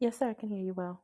Yes, sir, I can hear you well.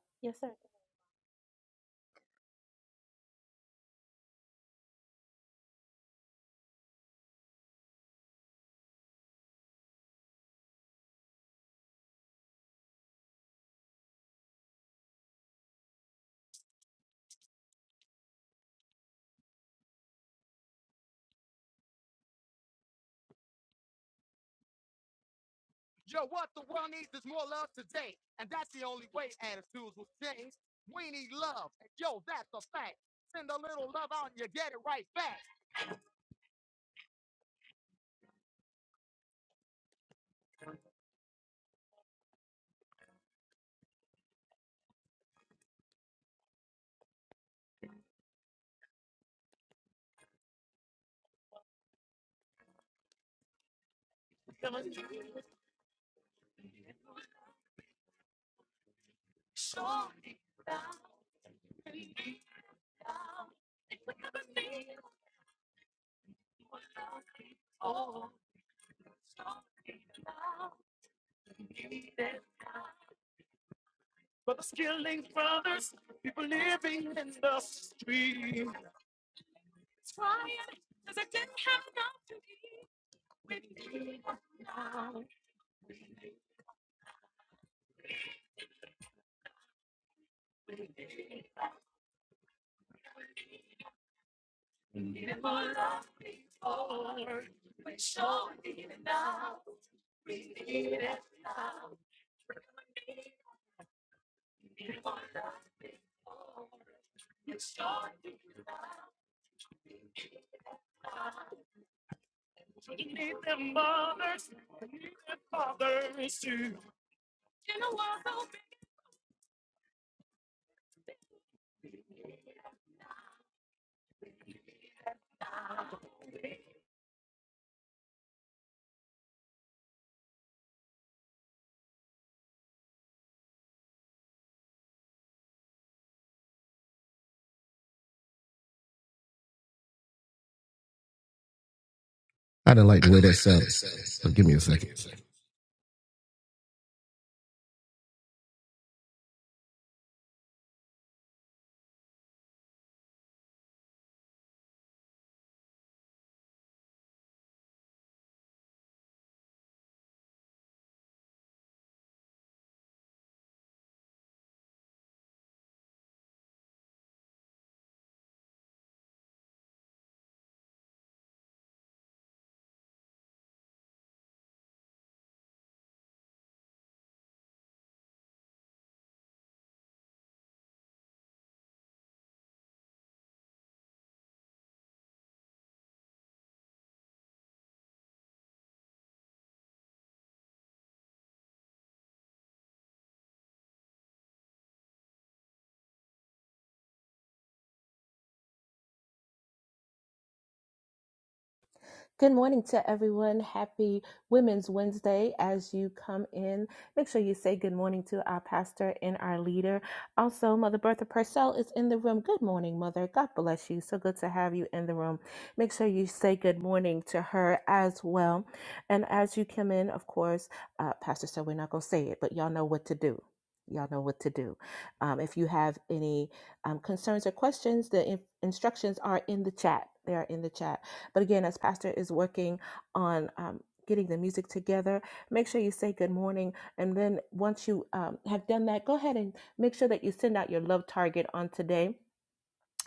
Good morning to everyone. Happy Women's Wednesday. As you come in, make sure you say good morning to our pastor and our leader. Also, Mother Bertha Purcell is in the room. Good morning, Mother. God bless you. So good to have you in the room. Make sure you say good morning to her as well. And as you come in, of course, uh, Pastor said we're not going to say it, but y'all know what to do. Y'all know what to do. Um, if you have any um, concerns or questions, the in- instructions are in the chat. They are in the chat but again, as Pastor is working on um, getting the music together, make sure you say good morning. And then once you um, have done that, go ahead and make sure that you send out your love target on today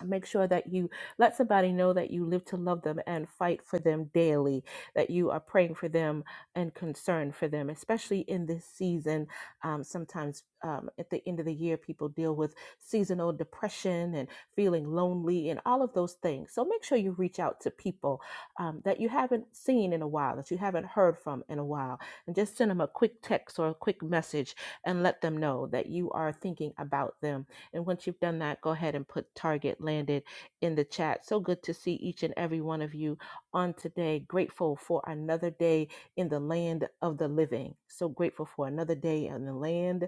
make sure that you let somebody know that you live to love them and fight for them daily that you are praying for them and concerned for them especially in this season um, sometimes um, at the end of the year people deal with seasonal depression and feeling lonely and all of those things so make sure you reach out to people um, that you haven't seen in a while that you haven't heard from in a while and just send them a quick text or a quick message and let them know that you are thinking about them and once you've done that, go ahead and put Target Landed in the chat. So good to see each and every one of you on today. Grateful for another day in the land of the living. So grateful for another day in the land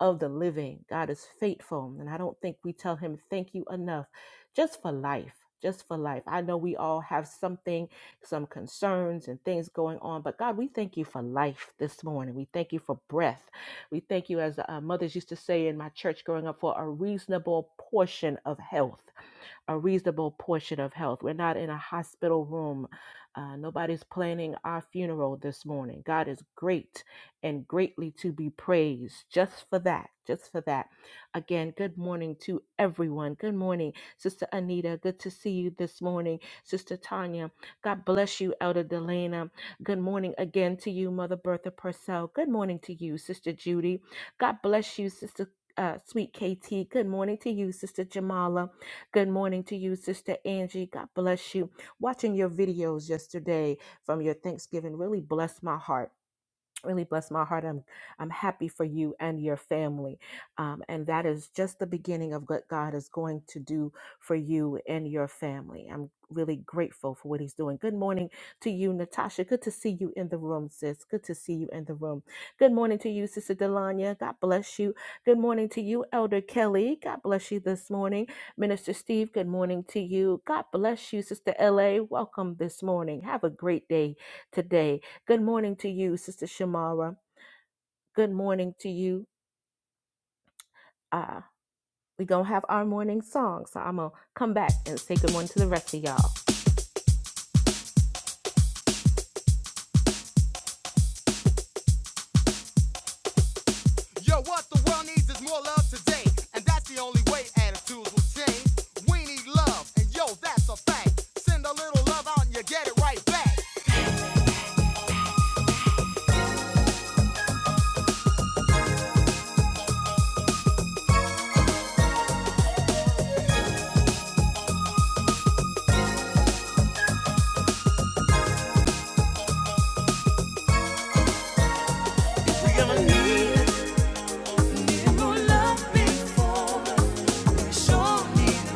of the living. God is faithful. And I don't think we tell him thank you enough just for life. Just for life. I know we all have something, some concerns and things going on, but God, we thank you for life this morning. We thank you for breath. We thank you, as uh, mothers used to say in my church growing up, for a reasonable portion of health a reasonable portion of health. We're not in a hospital room. Uh, nobody's planning our funeral this morning. God is great and greatly to be praised just for that. Just for that. Again, good morning to everyone. Good morning, Sister Anita. Good to see you this morning, Sister Tanya. God bless you, Elder Delana. Good morning again to you, Mother Bertha Purcell. Good morning to you, Sister Judy. God bless you, Sister uh, Sweet KT. Good morning to you, Sister Jamala. Good morning to you, Sister Angie. God bless you. Watching your videos yesterday from your Thanksgiving really blessed my heart really bless my heart. I'm I'm happy for you and your family, um, and that is just the beginning of what God is going to do for you and your family. I'm really grateful for what He's doing. Good morning to you, Natasha. Good to see you in the room, sis. Good to see you in the room. Good morning to you, Sister Delanya. God bless you. Good morning to you, Elder Kelly. God bless you this morning, Minister Steve. Good morning to you. God bless you, Sister La. Welcome this morning. Have a great day today. Good morning to you, Sister Shamara. Good morning to you. Uh, we gonna have our morning song, so I'm gonna come back and say good morning to the rest of y'all.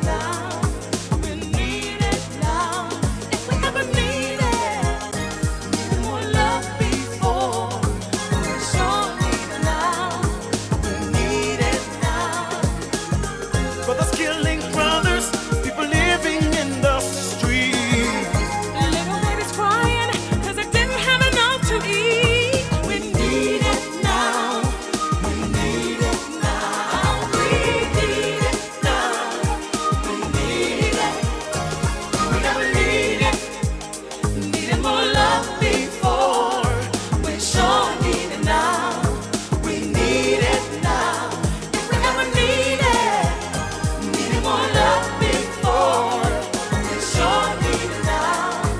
Now, we need it now. We never need it. Needed more love before. We sure need it now. We need it now. If we ever need Needed more love before. We sure need it now.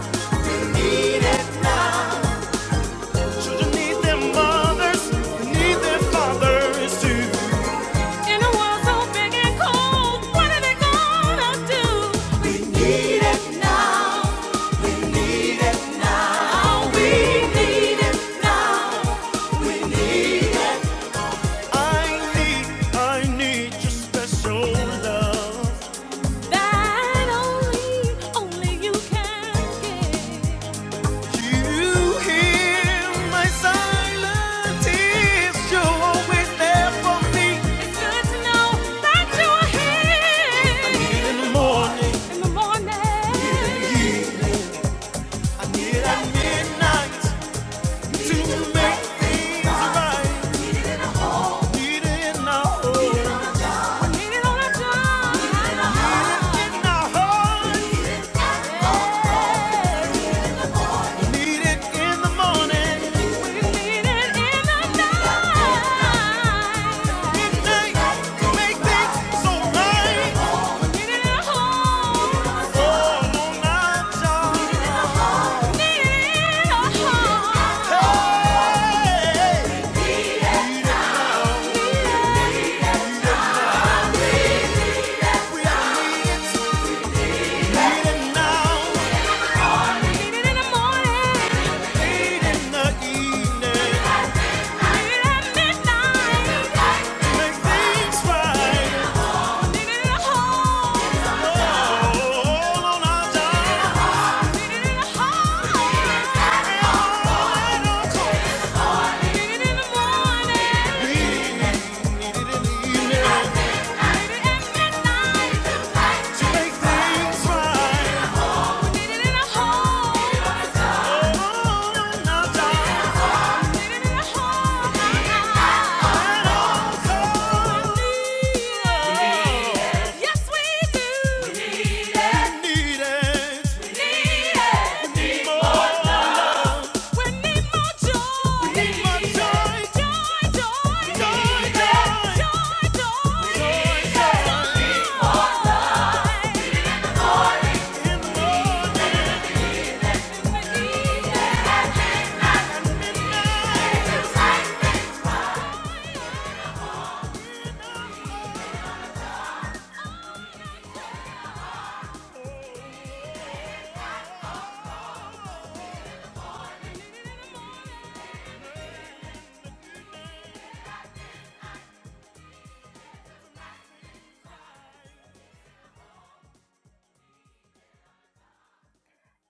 We need it now. Children need their mothers. They need their fathers too. In a world so big and cold, what are they gonna do? We need it now. Now we need it now. I need, I need your special love. That only, only you can give. Do you hear my silent tears? You're always there for me. It's good to know that you're here In the morning, in the in the morning. eve, I need at midnight to make things right. I need Hey! Need it now. In the evening. Make things right. All on our dime. And all at our cost. We need it in the evening. To make things right. Joy, joy, joy, joy.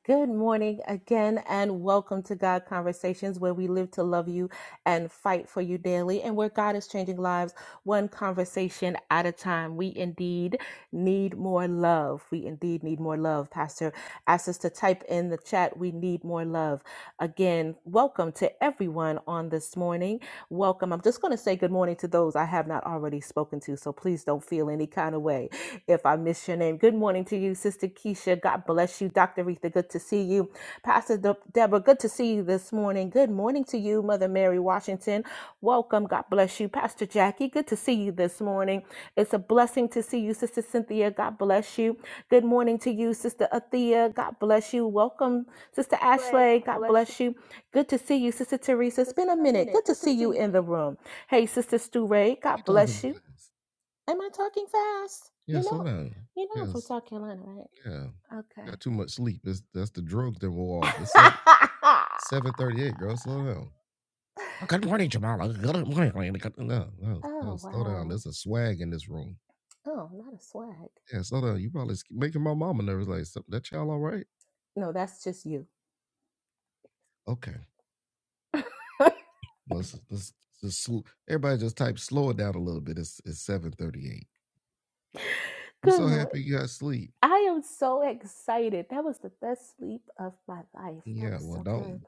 Good morning again, and welcome to God Conversations, where we live to love you and fight for you daily, and where God is changing lives one conversation at a time. We indeed need more love. We indeed need more love. Pastor asked us to type in the chat, We need more love. Again, welcome to everyone on this morning morning. Welcome. I'm just going to say good morning to those I have not already spoken to, so please don't feel any kind of way if I miss your name. Good morning to you, Sister Keisha. God bless you. Dr. Retha, good to see you. Pastor De- Deborah, good to see you this morning. Good morning to you, Mother Mary Washington. Welcome. God bless you. Pastor Jackie, good to see you this morning. It's a blessing to see you, Sister Cynthia. God bless you. Good morning to you, Sister Athea. God bless you. Welcome, Sister Ashley. God bless you. Good to see you, Sister Teresa. It's been a minute. Good to see you in the room. Hey, Sister Stu Ray. God bless you. Am I talking fast? You know, you know I'm from South Carolina, right? Okay. oh wow. Oh, a lot of swag. No, that's just you. Good. mo- I am so excited. That was the best sleep of my life. That was so good.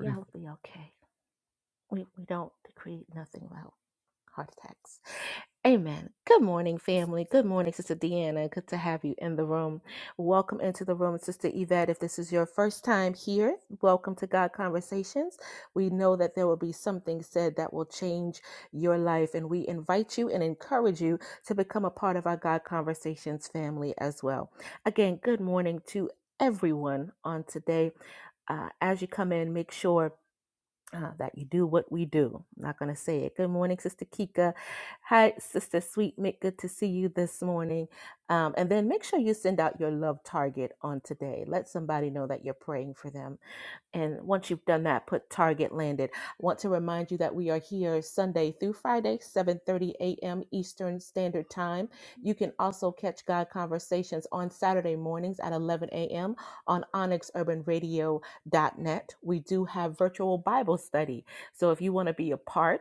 Y'all be okay. We we don't decree nothing loud. Heart attacks. Amen. Good morning, family. Good morning, Sister Deanna. Good to have you in the room. Welcome into the room, Sister Yvette. If this is your first time here, welcome to God Conversations. We know that there will be something said that will change your life, and we invite you and encourage you to become a part of our God Conversations family as well. Again, good morning to everyone on today. Uh, as you come in, make sure uh, that you do what we do. I'm not going to say it. Good morning, Sister Kika. Hi, Sister Sweet Mick. Good to see you this morning. Um, and then make sure you send out your love target on today. Let somebody know that you're praying for them and once you've done that, put target landed. I want to remind you that we are here Sunday through Friday, 7:30 a.m. Eastern Standard Time. You can also catch God Conversations on Saturday mornings at 11 a.m. on onyxurbanradio.net. We do have virtual Bible study. So if you want to be a part,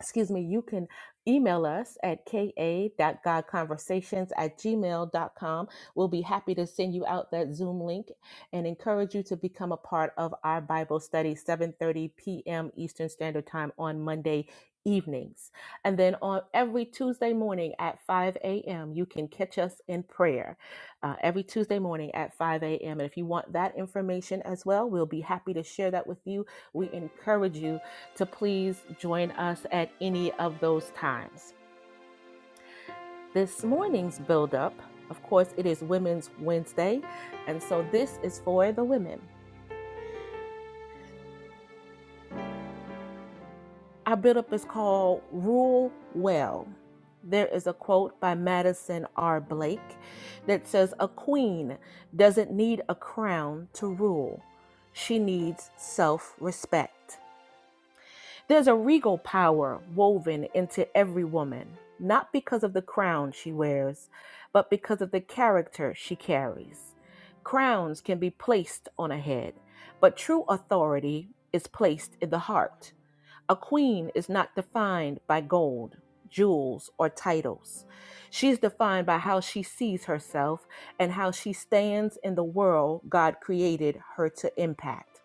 excuse me, you can email us at ka.godconversations at gmail.com. We'll be happy to send you out that Zoom link and encourage you to become a part of our Bible study, 7.30 p.m. Eastern Standard Time on Monday evenings. And then on every Tuesday morning at 5 a.m., you can catch us in prayer uh, every Tuesday morning at 5 a.m. And if you want that information as well, we'll be happy to share that with you. We encourage you to please join us at any of those times. This morning's build-up, of course, it is Women's Wednesday, and so this is for the women. Our build-up is called Rule Well. There is a quote by Madison R. Blake that says, A queen doesn't need a crown to rule, she needs self respect. There's a regal power woven into every woman, not because of the crown she wears, but because of the character she carries. Crowns can be placed on a head, but true authority is placed in the heart. A queen is not defined by gold, jewels, or titles. She's defined by how she sees herself and how she stands in the world God created her to impact.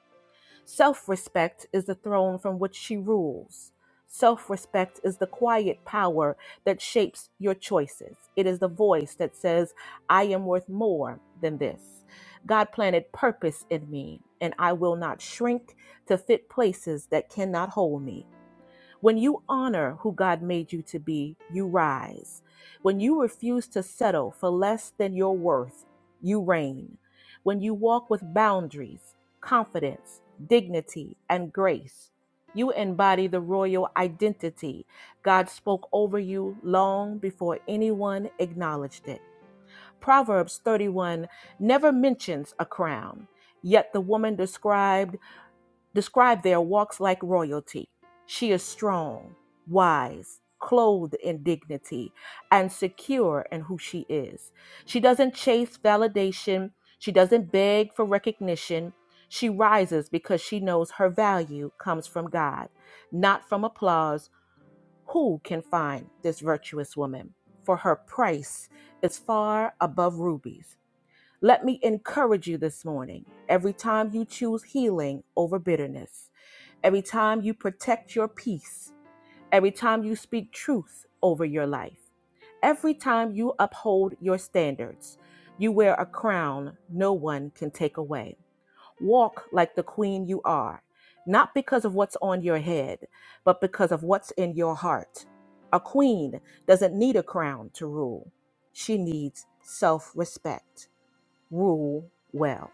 Self respect is the throne from which she rules. Self respect is the quiet power that shapes your choices. It is the voice that says, I am worth more than this. God planted purpose in me, and I will not shrink to fit places that cannot hold me. When you honor who God made you to be, you rise. When you refuse to settle for less than your worth, you reign. When you walk with boundaries, confidence, dignity, and grace, you embody the royal identity God spoke over you long before anyone acknowledged it. Proverbs 31 never mentions a crown, yet the woman described describe their walks like royalty. She is strong, wise, clothed in dignity, and secure in who she is. She doesn't chase validation, she doesn't beg for recognition. She rises because she knows her value comes from God, not from applause. Who can find this virtuous woman? For her price is far above rubies. Let me encourage you this morning. Every time you choose healing over bitterness, every time you protect your peace, every time you speak truth over your life, every time you uphold your standards, you wear a crown no one can take away. Walk like the queen you are, not because of what's on your head, but because of what's in your heart. A queen doesn't need a crown to rule, she needs self respect rule well.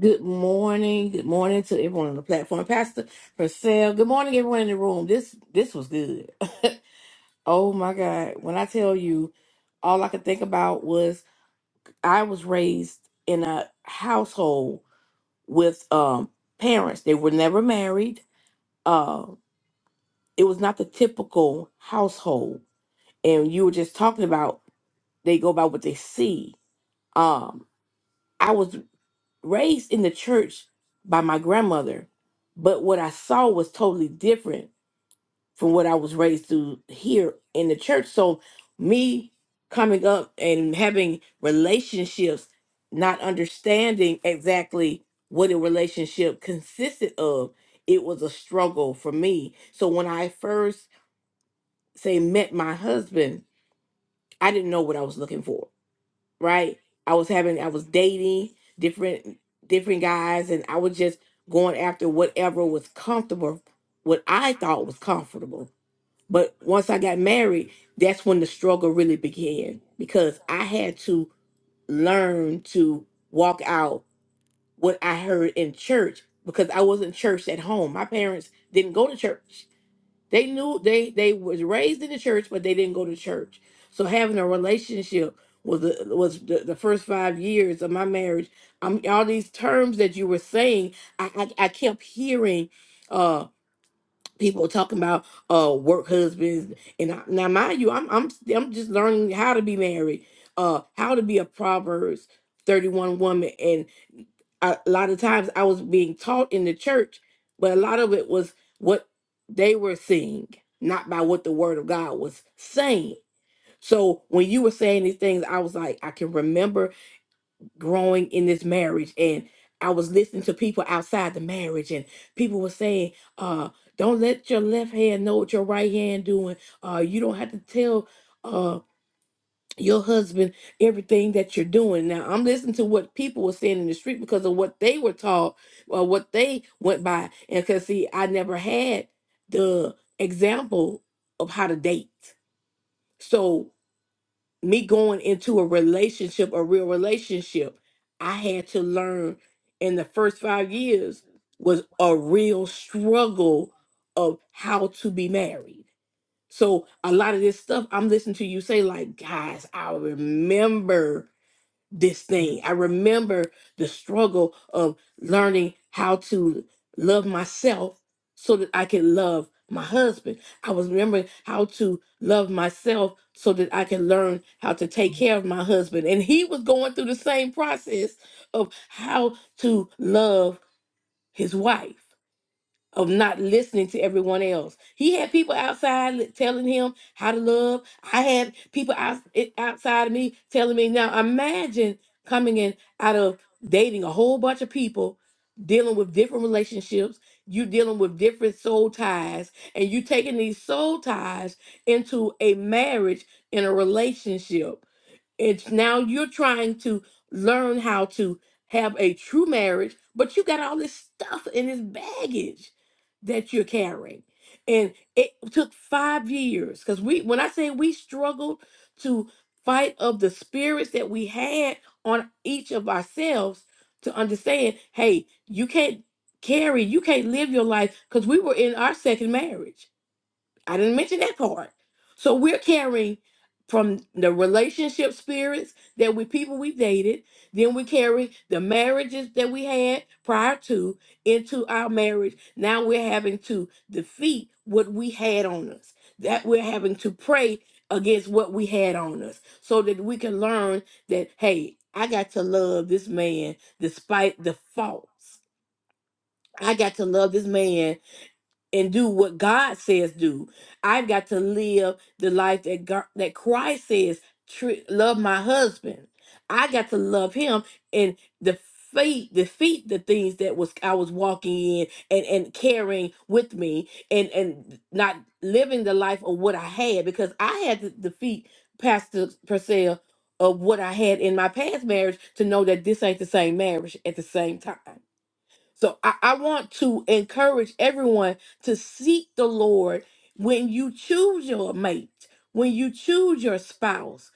Good morning. Good morning to everyone on the platform. Pastor Purcell. Good morning, everyone in the room. This this was good. oh my God. When I tell you, all I could think about was I was raised in a household with um parents. They were never married. Uh, it was not the typical household. And you were just talking about they go by what they see. Um, I was raised in the church by my grandmother, but what I saw was totally different from what I was raised to hear in the church. So me coming up and having relationships, not understanding exactly what a relationship consisted of, it was a struggle for me. So when I first say met my husband, I didn't know what I was looking for right? I was having I was dating different different guys and I was just going after whatever was comfortable, what I thought was comfortable. But once I got married, that's when the struggle really began because I had to learn to walk out what I heard in church because I wasn't church at home. My parents didn't go to church. They knew they they was raised in the church, but they didn't go to church. So having a relationship was the, was the, the first five years of my marriage. Um, all these terms that you were saying, I I, I kept hearing uh people talking about uh work husbands and I, now mind you I'm I'm I'm just learning how to be married uh how to be a Proverbs 31 woman and a lot of times I was being taught in the church, but a lot of it was what they were seeing, not by what the word of God was saying. So when you were saying these things, I was like, I can remember growing in this marriage and I was listening to people outside the marriage and people were saying, uh, don't let your left hand know what your right hand doing. Uh, you don't have to tell uh your husband everything that you're doing. Now, I'm listening to what people were saying in the street because of what they were taught or what they went by. And because, see, I never had the example of how to date. So, me going into a relationship, a real relationship, I had to learn in the first five years was a real struggle of how to be married. So a lot of this stuff I'm listening to you say, like, guys, I remember this thing. I remember the struggle of learning how to love myself so that I can love my husband. I was remembering how to love myself so that I can learn how to take care of my husband. And he was going through the same process of how to love his wife of not listening to everyone else. He had people outside li- telling him how to love. I had people out, it- outside of me telling me. Now imagine coming in out of dating a whole bunch of people, dealing with different relationships, you dealing with different soul ties, and you taking these soul ties into a marriage in a relationship. It's now you're trying to learn how to have a true marriage, but you got all this stuff and this baggage that you're carrying. And it took five years because we, when I say we struggled to fight of the spirits that we had on each of ourselves to understand, hey, you can't carry, you can't live your life because we were in our second marriage I didn't mention that part. So we're carrying from the relationship spirits that we people we dated, then we carry the marriages that we had prior to into our marriage. Now we're having to defeat what we had on us. That we're having to pray against what we had on us so that we can learn that hey, I got to love this man despite the faults. I got to love this man and do what God says do. I've got to live the life that God, that Christ says. tre- love my husband. I got to love him and defeat defeat the things that was I was walking in and and carrying with me and and not living the life of what I had because I had to defeat Pastor Purcell of what I had in my past marriage to know that this ain't the same marriage at the same time. So I, I want to encourage everyone to seek the Lord when you choose your mate, when you choose your spouse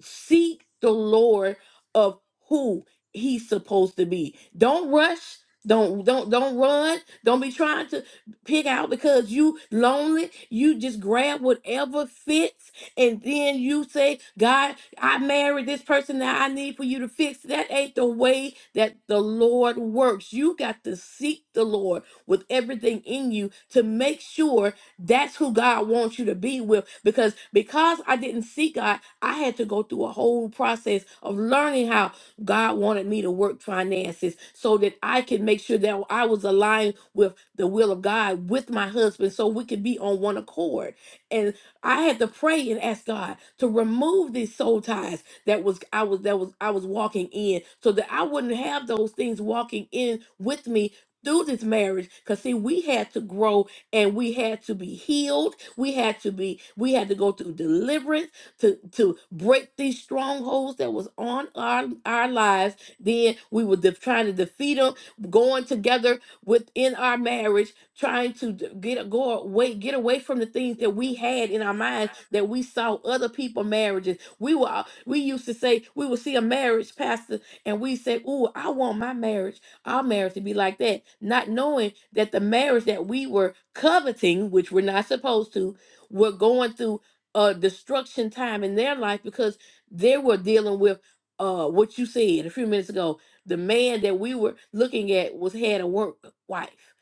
seek the Lord of who he's supposed to be. Don't rush. Don't don't don't run. Don't be trying to pick out because you lonely. You just grab whatever fits, and then you say, "God, I married this person that I need for you to fix." That ain't the way that the Lord works. You got to seek the Lord with everything in you to make sure that's who God wants you to be with. Because because I didn't seek God I had to go through a whole process of learning how God wanted me to work finances so that I could make sure that I was aligned with the will of God with my husband so we could be on one accord. And I had to pray and ask God to remove these soul ties that was I was that was I was walking in so that I wouldn't have those things walking in with me through this marriage because see we had to grow and we had to be healed we had to be we had to go through deliverance to to break these strongholds that was on our our lives. Then we were de- trying to defeat them, going together within our marriage, trying to d- get go away, get away from the things that we had in our minds that we saw other people marriages. We were all- we used to say we would see a marriage pastor and we say, "Ooh, I want my marriage, our marriage to be like that," not knowing that the marriage that we were coveting, which we're not supposed to, we're going through uh destruction time in their life because they were dealing with uh what you said a few minutes ago the man that we were looking at was had a work wife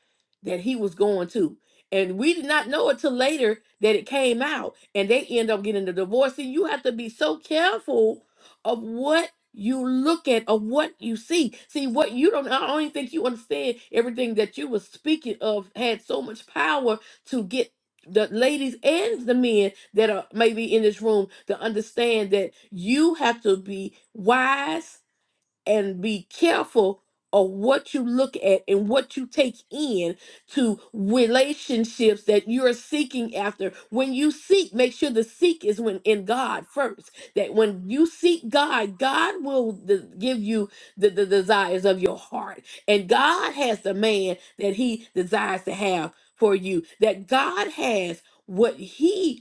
that he was going to and we did not know it till later that it came out and they end up getting the divorce and you have to be so careful of what you look at of what you see see what you don't i don't even think you understand everything that you were speaking of had so much power to get the ladies and the men that are maybe in this room to understand that you have to be wise and be careful of what you look at and what you take in to relationships that you're seeking after. When you seek, make sure the seek is when in God first. That when you seek God, God will de- give you the, the desires of your heart. And God has the man that he desires to have for you. That God has what he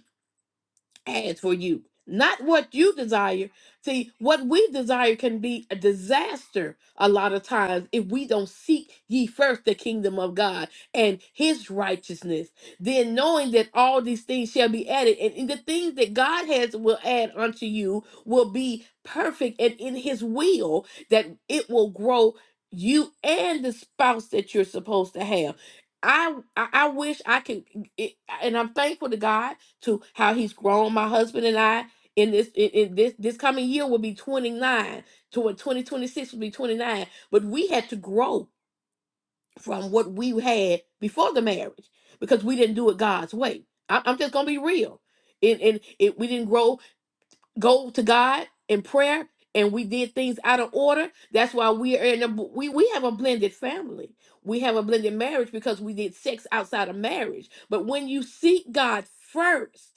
has for you, not what you desire. See, what we desire can be a disaster a lot of times if we don't seek ye first the kingdom of God and his righteousness. Then knowing that all these things shall be added, and, and the things that God has will add unto you will be perfect and in his will that it will grow you and the spouse that you're supposed to have. I I I wish I could, it, and I'm thankful to God to how he's grown my husband and I in this in, in this this coming year will be 29 toward 2026 will be 29 but we had to grow from what we had before the marriage because we didn't do it God's way I, I'm just gonna be real and, and it, we didn't grow go to God in prayer and we did things out of order that's why we are in a we, we have a blended family we have a blended marriage because we did sex outside of marriage but when you seek God first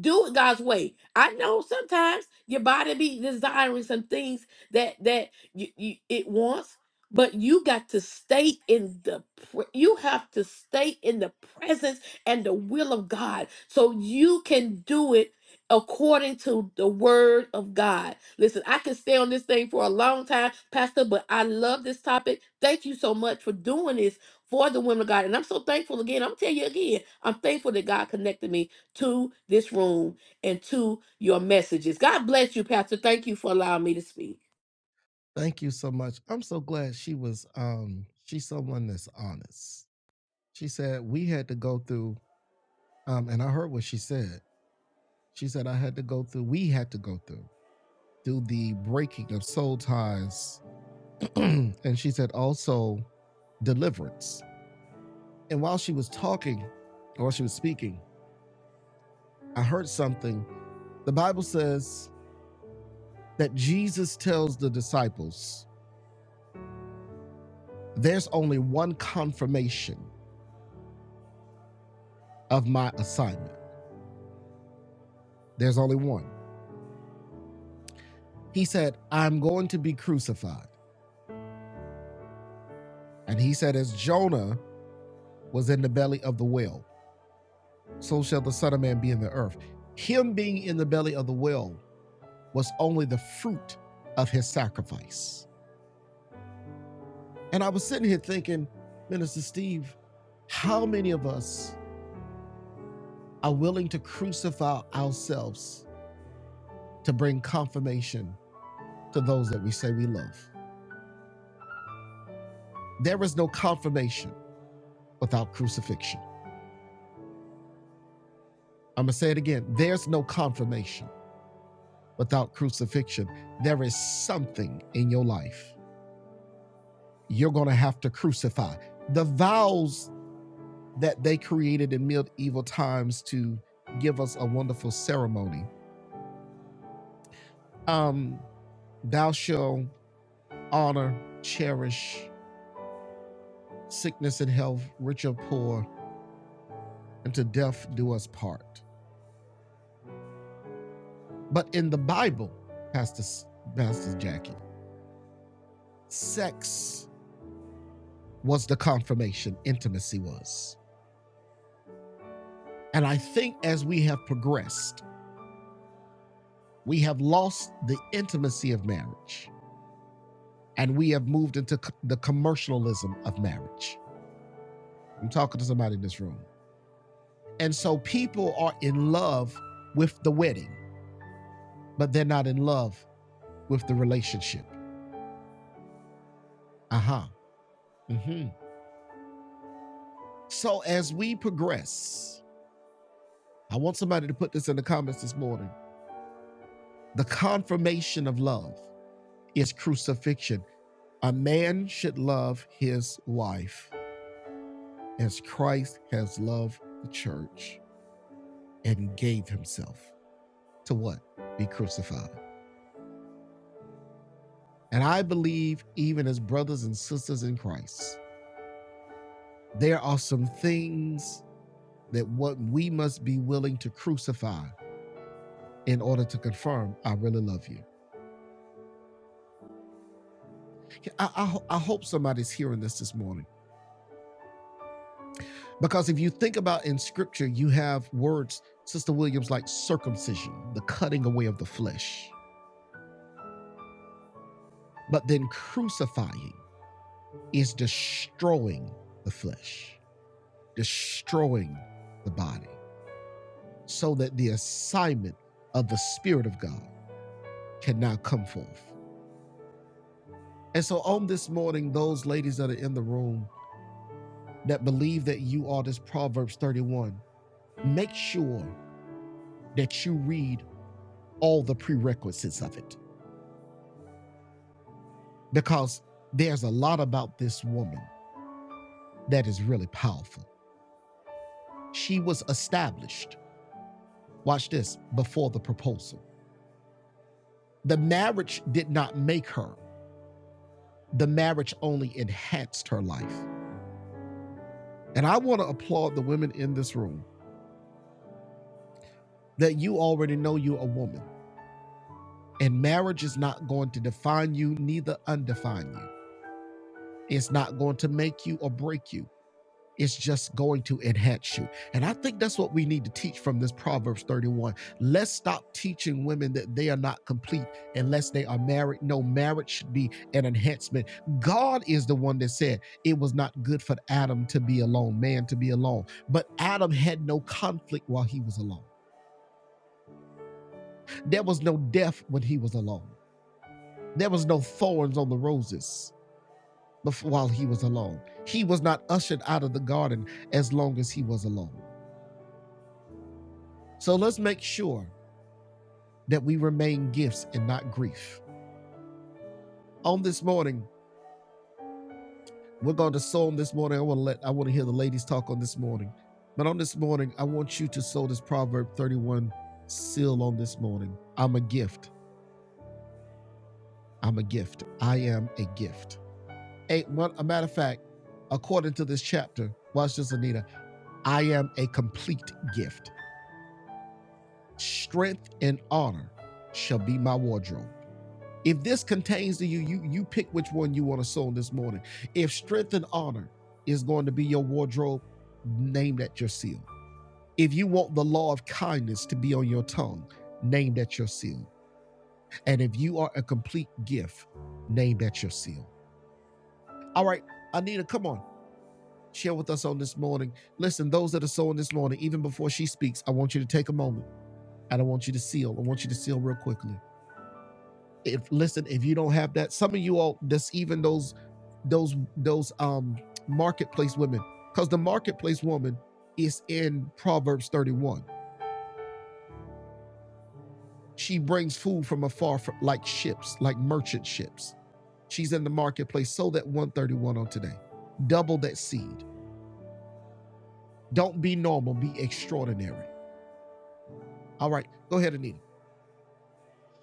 do it God's way. I know sometimes your body be desiring some things that that you, you it wants, but you got to stay in the pre- you have to stay in the presence and the will of God so you can do it according to the word of God. Listen, I can stay on this thing for a long time, pastor, but I love this topic. Thank you so much for doing this for the women of God. And I'm so thankful again. I'm telling you again, I'm thankful that God connected me to this room and to your messages. God bless you, Pastor. Thank you for allowing me to speak.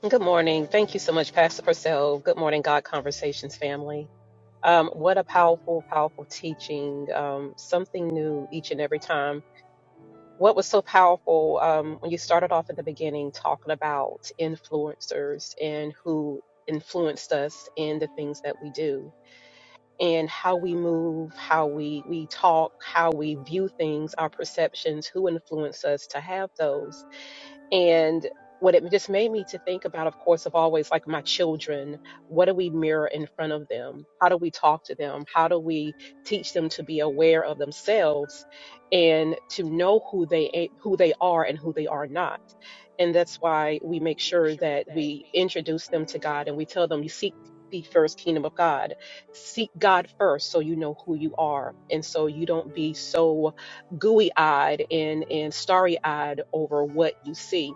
Good morning. Thank you so much, Pastor Purcell. Good morning, God Conversations family. Um, what a powerful, powerful teaching. Um, something new each and every time. What was so powerful um, when you started off in the beginning talking about influencers and who influenced us in the things that we do and how we move, how we we talk, how we view things, our perceptions, who influenced us to have those and what it just made me to think about, of course, of always like my children, what do we mirror in front of them? How do we talk to them? How do we teach them to be aware of themselves and to know who they a- who they are and who they are not? And that's why we make sure that we introduce them to God and we tell them you seek the first kingdom of God. Seek God first so you know who you are and so you don't be so gooey eyed and, and starry eyed over what you see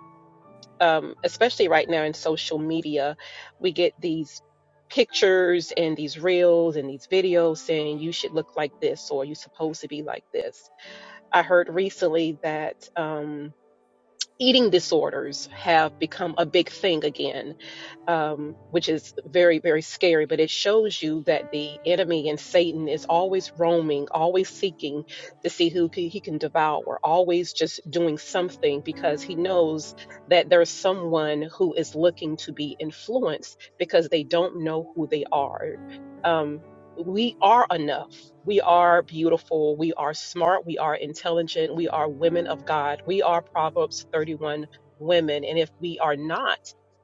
um, especially right now in social media, we get these pictures and these reels and these videos saying you should look like this or you're supposed to be like this. I heard recently that. Um, eating disorders have become a big thing again, um, which is very, very scary. But it shows you that the enemy and Satan is always roaming, always seeking to see who c- he can devour, always just doing something because he knows that there's someone who is looking to be influenced because they don't know who they are. Um, we are enough. We are beautiful. We are smart. We are intelligent. We are women of God. We are Proverbs 31 women. And if we are not,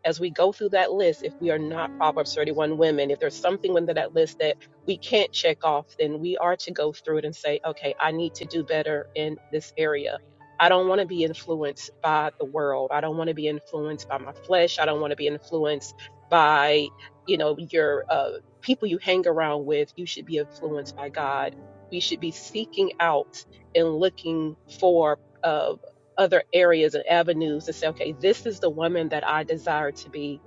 as we go through that list, if we are not Proverbs 31 women, if there's something within that list that we can't check off, then we are to go through it and say, okay, I need to do better in this area. I don't want to be influenced by the world. I don't want to be influenced by my flesh. I don't want to be influenced by you know your uh, people you hang around with, you should be influenced by God. We should be seeking out and looking for uh, other areas and avenues to say, okay, this is the woman that I desire to be.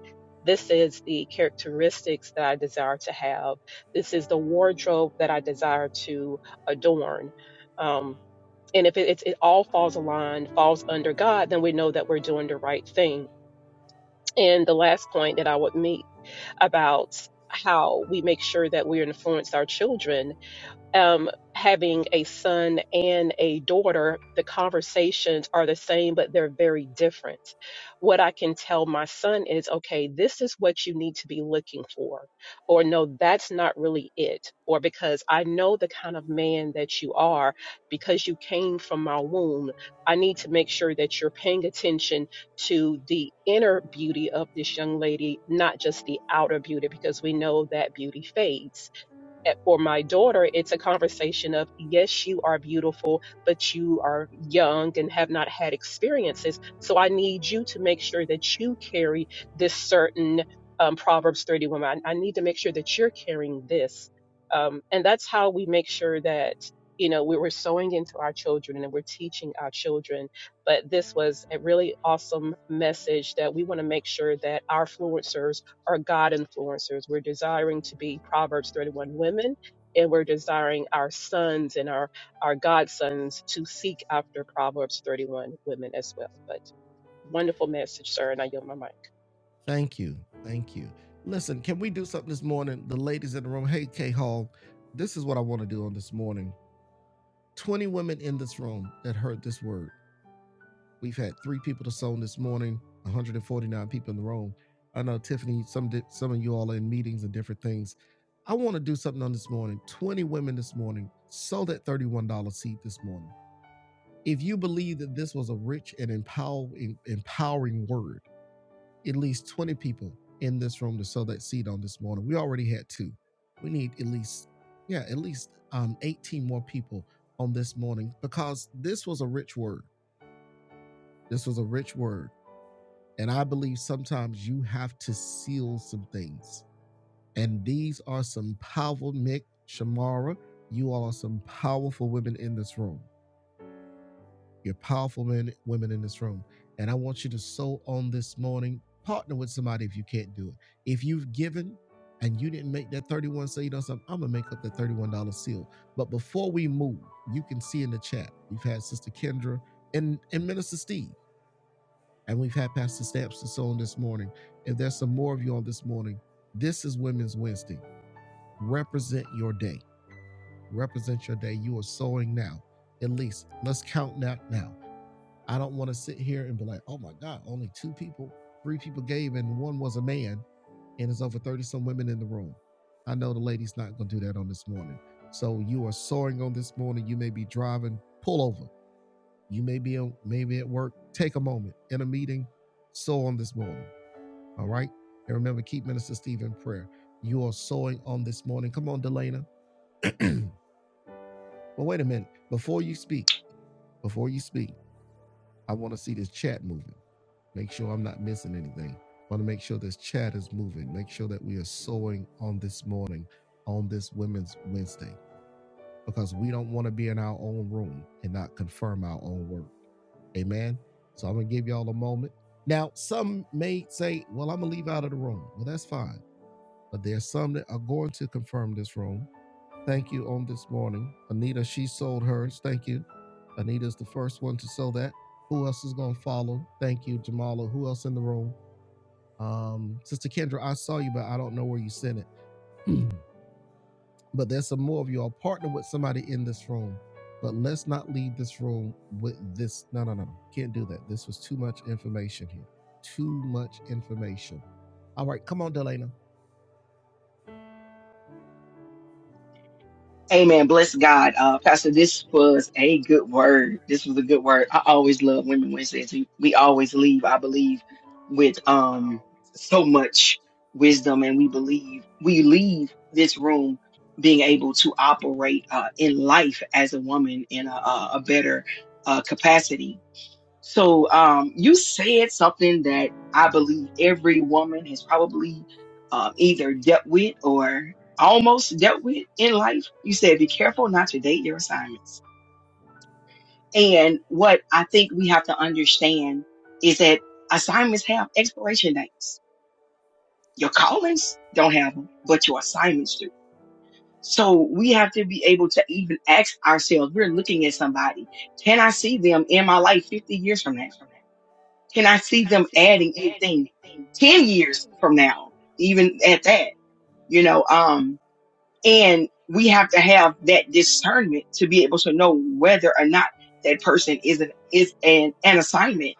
This is the characteristics that I desire to have. This is the wardrobe that I desire to adorn. Um, and if it, it's it all falls aligned, falls under God, then we know that we're doing the right thing. And the last point that I would make about how we make sure that we influence our children um, having a son and a daughter, the conversations are the same, but they're very different. What I can tell my son is, okay, this is what you need to be looking for, or no, that's not really it, or because I know the kind of man that you are, because you came from my womb, I need to make sure that you're paying attention to the inner beauty of this young lady, not just the outer beauty, because we know that beauty fades at- for my daughter, it's a conversation of, yes, you are beautiful, but you are young and have not had experiences. So I need you to make sure that you carry this certain um, Proverbs 31. I, I need to make sure that you're carrying this. Um, and that's how we make sure that, you know, we, were are sowing into our children and we're teaching our children. But this was a really awesome message that we want to make sure that our influencers are God influencers. We're desiring to be Proverbs 31 women, and we're desiring our sons and our, our godsons to seek after Proverbs 31 women as well. But wonderful message, sir, and I yield my mic. Amen. Bless God. Uh, Pastor, this was a good word. This was a good word. I always love Women Wednesdays. We, we always leave, I believe, with um so much wisdom, and we believe we leave this room being able to operate uh, in life as a woman in a, a a better uh, capacity so um, you said something that I believe every woman has probably um, either dealt with or almost dealt with in life. You said, be careful not to date your assignments. And what I think we have to understand is that assignments have expiration dates. Your callings don't have them, but your assignments do. So we have to be able to even ask ourselves, we're looking at somebody. Can I see them in my life 50 years from now? Can I see them adding anything 10 years from now, even at that, you know, um, and we have to have that discernment to be able to know whether or not that person is an, is an, an assignment.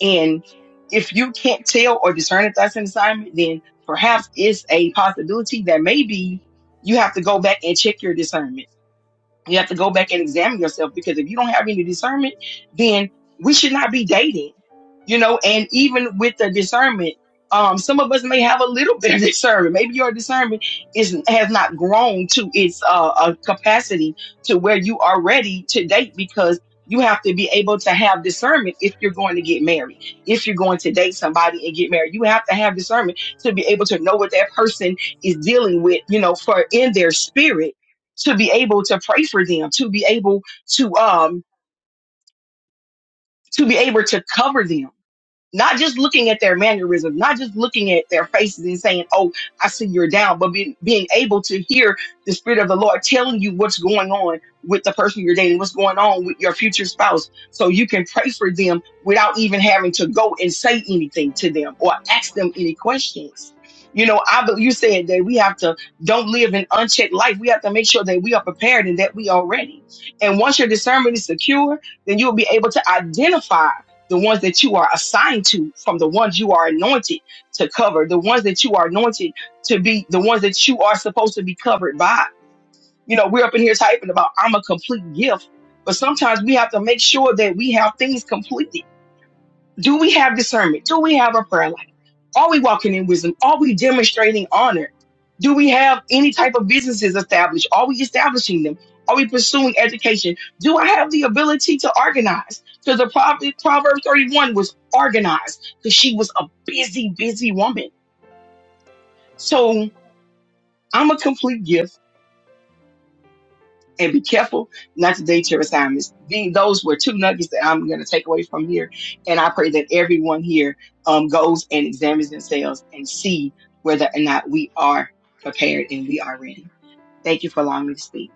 And if you can't tell or discern if that's an assignment, then perhaps it's a possibility that maybe you have to go back and check your discernment you have to go back and examine yourself because if you don't have any discernment, then we should not be dating. You know, and even with the discernment, um, some of us may have a little bit of discernment. Maybe your discernment is has not grown to its uh, uh capacity to where you are ready to date because you have to be able to have discernment if you're going to get married. If you're going to date somebody and get married, you have to have discernment to be able to know what that person is dealing with. You know, for in their spirit to be able to pray for them, to be able to um to be able to cover them not just looking at their mannerisms, not just looking at their faces and saying, Oh, I see you're down, but being, being able to hear the Spirit of the Lord telling you what's going on with the person you're dating, what's going on with your future spouse. So you can pray for them without even having to go and say anything to them or ask them any questions. You know, I, but you said that we have to don't live an unchecked life. We have to make sure that we are prepared and that we are ready. And once your discernment is secure, then you'll be able to identify the ones that you are assigned to from the ones you are anointed to cover, the ones that you are anointed to be, the ones that you are supposed to be covered by. You know, we're up in here typing about I'm a complete gift, but sometimes we have to make sure that we have things completed. Do we have discernment? Do we have a prayer life? Are we walking in wisdom? Are we demonstrating honor? Do we have any type of businesses established? Are we establishing them? Are we pursuing education? Do I have the ability to organize? Because the Proverbs Proverb 31 was organized because she was a busy, busy woman. So I'm a complete gift. and be careful not to date your assignments. The, those were two nuggets that I'm going to take away from here. And I pray that everyone here um, goes and examines themselves and see whether or not we are prepared and we are ready. Thank you for allowing me to speak.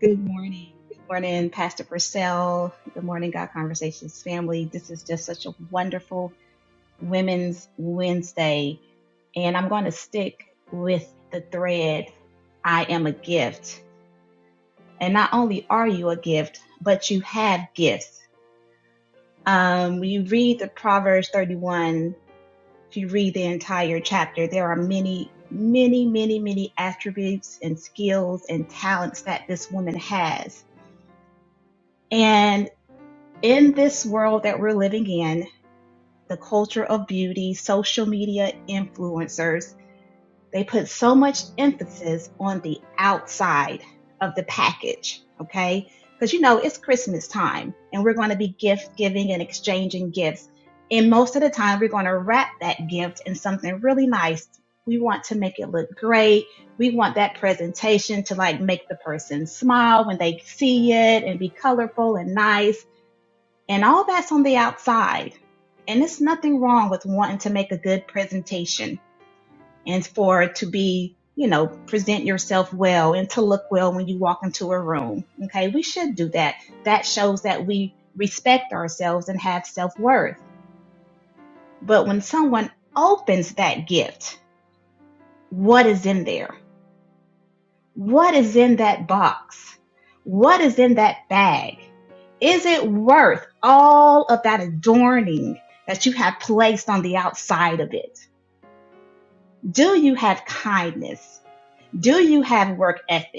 Good morning. Good morning, Pastor Purcell. Good morning, God Conversations family. This is just such a wonderful Women's Wednesday. And I'm going to stick with the thread I am a gift. And not only are you a gift, but you have gifts. Um, when you read the Proverbs 31, if you read the entire chapter, there are many, many, many, many attributes and skills and talents that this woman has. and. in this world that we're living in, the culture of beauty, social media influencers, they put so much emphasis on the outside of the package, okay? Because you know, it's Christmas time and we're going to be gift giving and exchanging gifts. And most of the time, we're going to wrap that gift in something really nice. We want to make it look great. We want that presentation to like make the person smile when they see it and be colorful and nice and all that's on the outside. And it's nothing wrong with wanting to make a good presentation and for to be, you know, present yourself well and to look well when you walk into a room. Okay. We should do that. That shows that we respect ourselves and have self worth. But when someone opens that gift, what is in there? What is in that box? What is in that bag? Is it worth all of that adorning that you have placed on the outside of it? Do you have kindness? Do you have work ethic?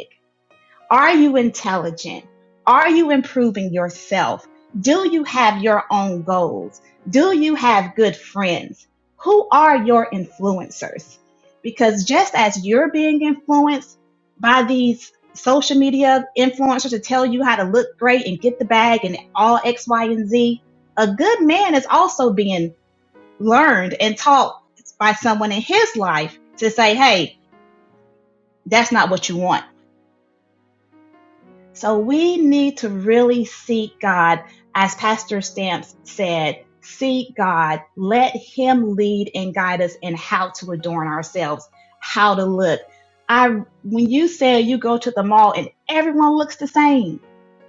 Are you intelligent? Are you improving yourself? Do you have your own goals? Do you have good friends? Who are your influencers? Because just as you're being influenced by these social media influencers to tell you how to look great and get the bag and all X, Y, and Z, a good man is also being learned and taught by someone in his life to say, Hey, that's not what you want So we need to really seek God, as Pastor Stamps said, seek God, let Him lead and guide us in how to adorn ourselves, how to look. I, when you said you go to the mall and everyone looks the same,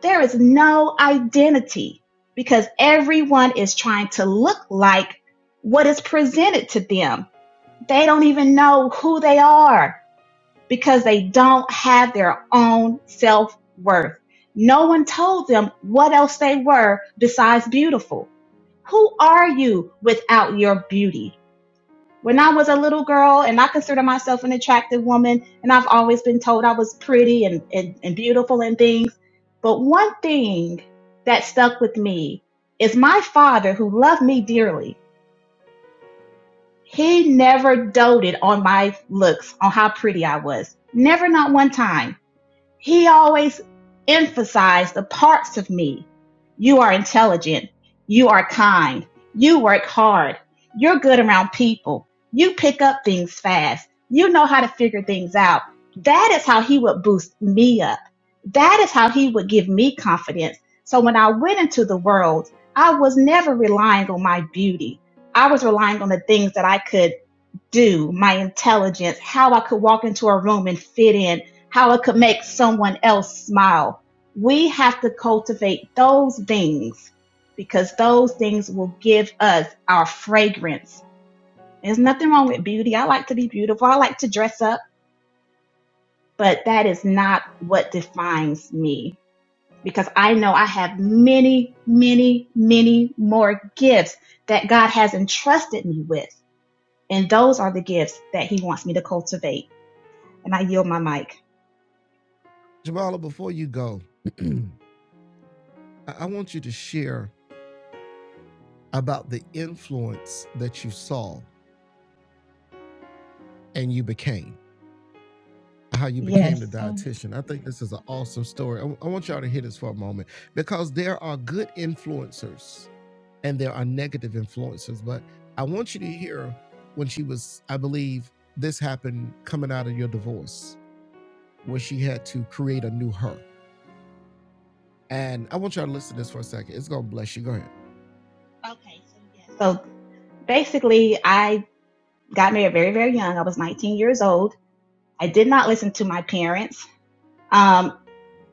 there is no identity because everyone is trying to look like what is presented to them. They don't even know who they are because they don't have their own self worth. No one told them what else they were besides beautiful. Who are you without your beauty? When I was a little girl and I consider myself an attractive woman and I've always been told I was pretty and, and, and beautiful and things. But one thing that stuck with me is my father who loved me dearly. He never doted on my looks, on how pretty I was. Never, not one time he always emphasized the parts of me. You are intelligent. You are kind. You work hard. You're good around people. You pick up things fast. You know how to figure things out. That is how he would boost me up. That is how he would give me confidence. So when I went into the world, I was never relying on my beauty. I was relying on the things that I could do, my intelligence, how I could walk into a room and fit in, how I could make someone else smile. We have to cultivate those things because those things will give us our fragrance. There's nothing wrong with beauty. I like to be beautiful. I like to dress up, but that is not what defines me because I know I have many, many, many more gifts that God has entrusted me with. And those are the gifts that he wants me to cultivate. and I yield my mic. Yes. So okay. So yes. So basically, I got married very, very young. I was 19 years old. I did not listen to my parents. Um,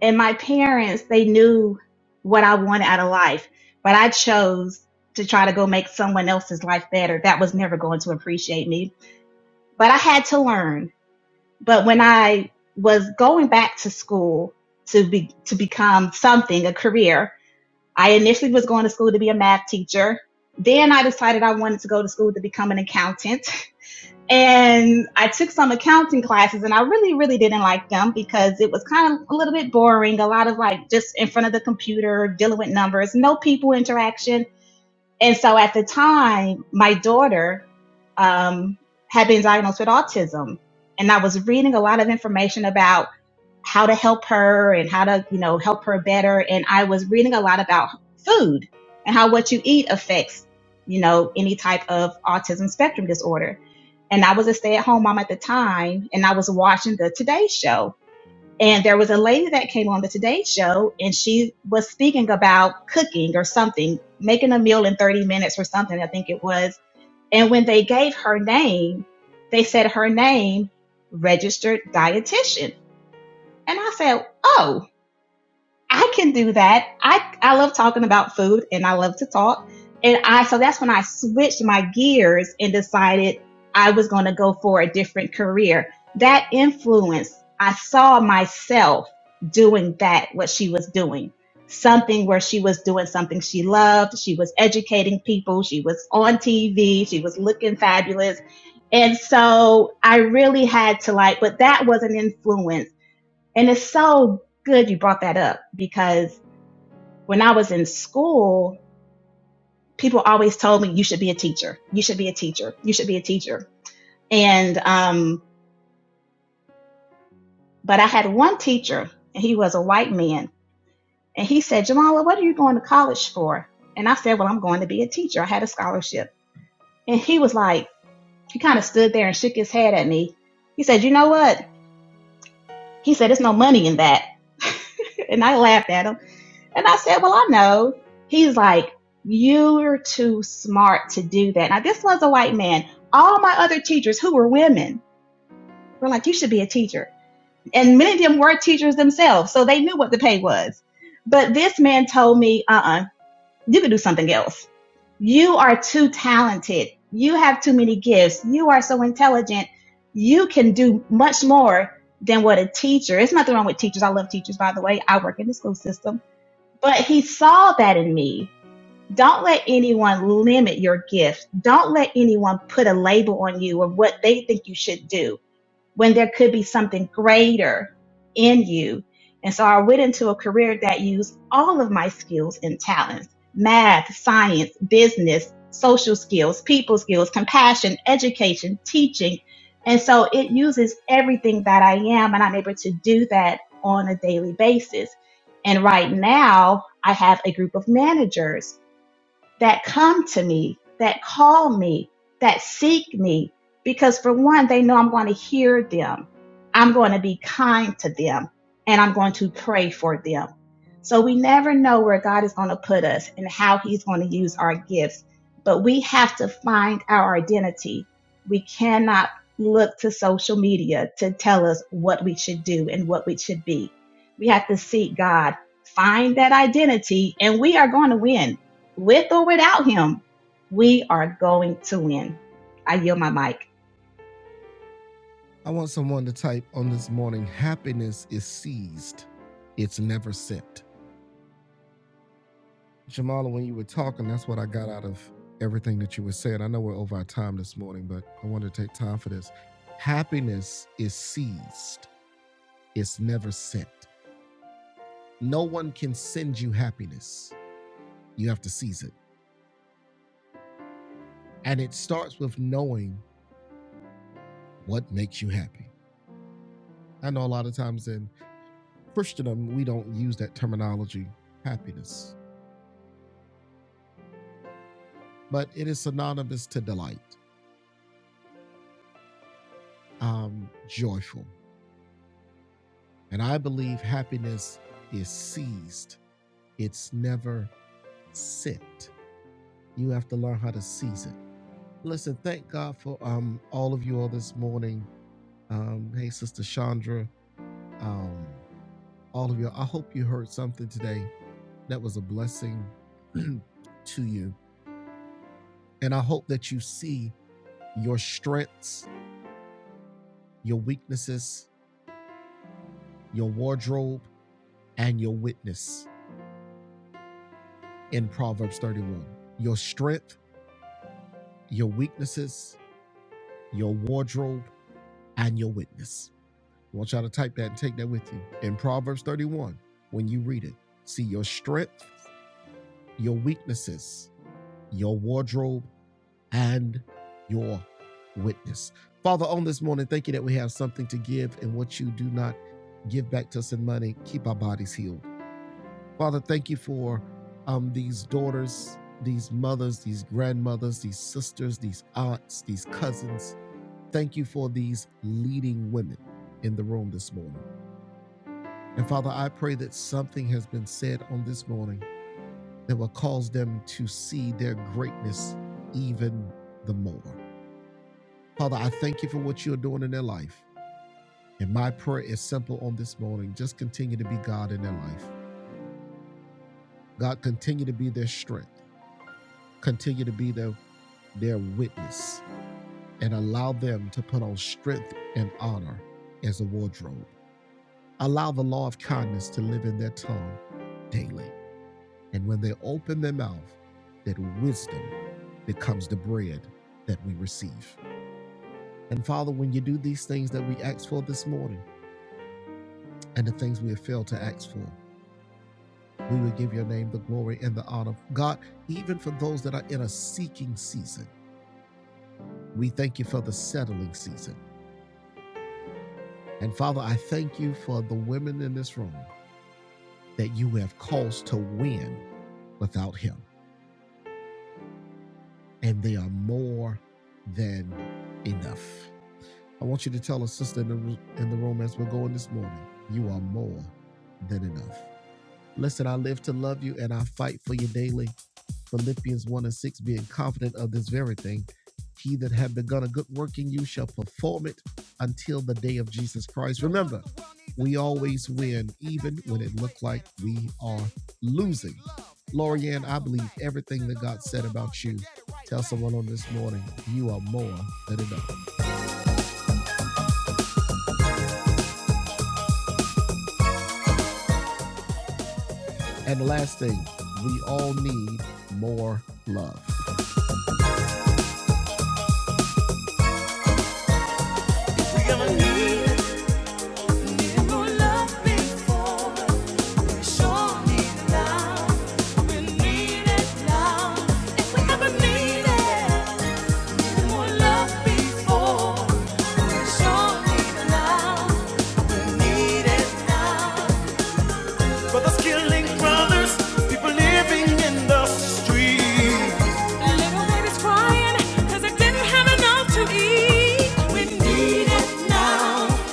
and my parents, they knew what I wanted out of life, but I chose to try to go make someone else's life better. That was never going to appreciate me, but I had to learn. But when I was going back to school to be, to become something, a career, I initially was going to school to be a math teacher. Then I decided I wanted to go to school to become an accountant. And I took some accounting classes and I really, really didn't like them because it was kind of a little bit boring. A lot of like just in front of the computer, dealing with numbers, no people interaction. And so at the time, my daughter, um, had been diagnosed with autism and I was reading a lot of information about how to help her and how to, you know, help her better. And I was reading a lot about food and how what you eat affects, you know, any type of autism spectrum disorder. And I was a stay at home mom at the time and I was watching the Today Show. And there was a lady that came on the Today Show and she was speaking about cooking or something, making a meal in 30 minutes or something, I think it was. And when they gave her name, they said her name, registered dietitian. And I said, oh, I can do that. I I love talking about food and I love to talk. And I so that's when I switched my gears and decided I was going to go for a different career. That influence, I saw myself doing that what she was doing. Something where she was doing something she loved, she was educating people, she was on TV, she was looking fabulous. And so I really had to like, but that was an influence and it's so good you brought that up because when I was in school, people always told me you should be a teacher. You should be a teacher. You should be a teacher. And um, but I had one teacher, and he was a white man, and he said, Jamala, what are you going to college for? And I said, Well, I'm going to be a teacher. I had a scholarship. And he was like, he kind of stood there and shook his head at me. He said, You know what? He said, There's no money in that. and I laughed at him. And I said, well, I know. He's like, you're too smart to do that. Now, this was a white man. All my other teachers who were women were like, you should be a teacher. And many of them were teachers themselves, so they knew what the pay was. But this man told me, uh-uh, you could do something else. You are too talented. You have too many gifts. You are so intelligent. You can do much more than what a teacher. It's nothing wrong with teachers. I love teachers, by the way. I work in the school system but he saw that in me. Don't let anyone limit your gift. Don't let anyone put a label on you of what they think you should do when there could be something greater in you. And so I went into a career that used all of my skills and talents math, science, business, social skills, people skills, compassion, education, teaching. And so it uses everything that I am, and I'm able to do that on a daily basis. And right now, I have a group of managers that come to me, that call me, that seek me, because for one, they know I'm going to hear them. I'm going to be kind to them and I'm going to pray for them. So we never know where God is going to put us and how he's going to use our gifts, but we have to find our identity. We cannot look to social media to tell us what we should do and what we should be. We have to seek God, find that identity, and we are going to win with or without him, we are going to win. I yield my mic. Need it now. Brothers killing brothers, people living in the street. Little babies crying, they didn't have enough to eat. We need it now.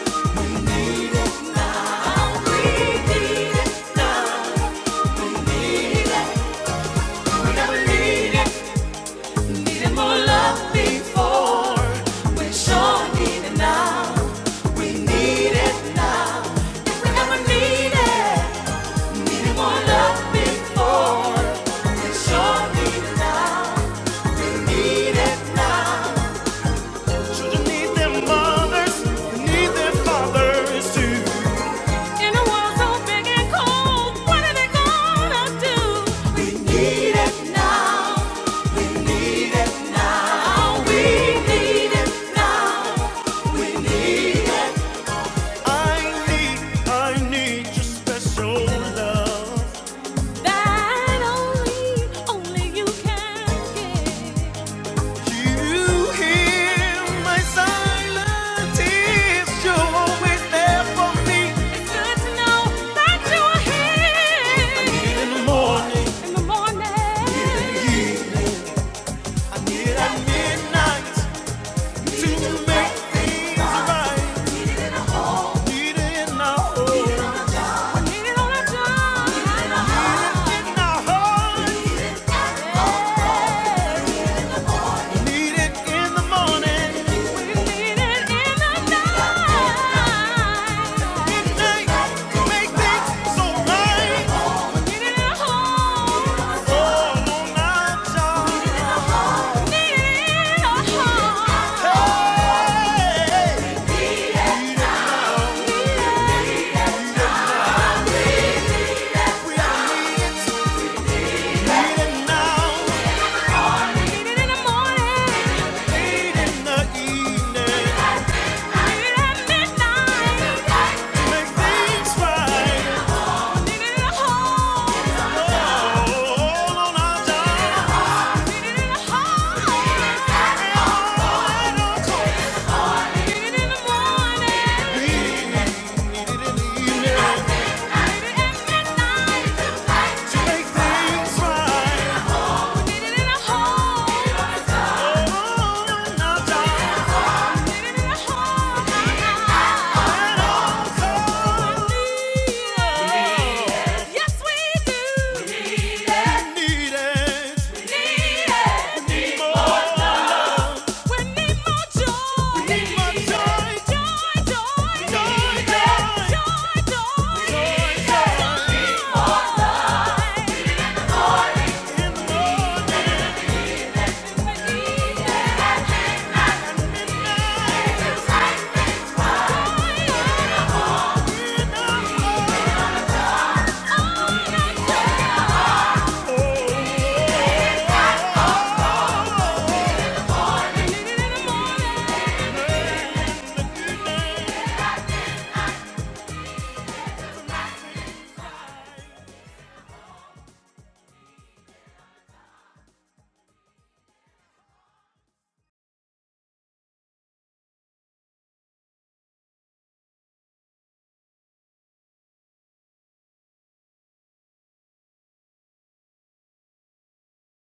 Oh, we need it now. We never need Needed more love before. We sure need it now. We need it now. If we ever need needed more love before. We sure need it now. Need it now. Children need their mothers, they need their fathers too. In a world so big and cold, what are they gonna do? We need it now, now. We need it now. I need, I need your special love. That only, only you can give. Do you hear my silent tears? You're always there for me. It's good to know that you are here. I need in the morning. In the morning. I need in the evening. I need at midnight to make things right. I need it in the home. I need it all the time. I need it in the heart. Need it in the morning. Midnight. Make things so right. Oh, on my job. Hey. Need it now. Need it now. We all need it. Need it now. Need it in the morning. Late in the evening, Need it at midnight. make things right. Need it at home. All on our dime. Need it in home. in the morning. in the evening right. Joy, joy, joy, joy, joy. Thank you.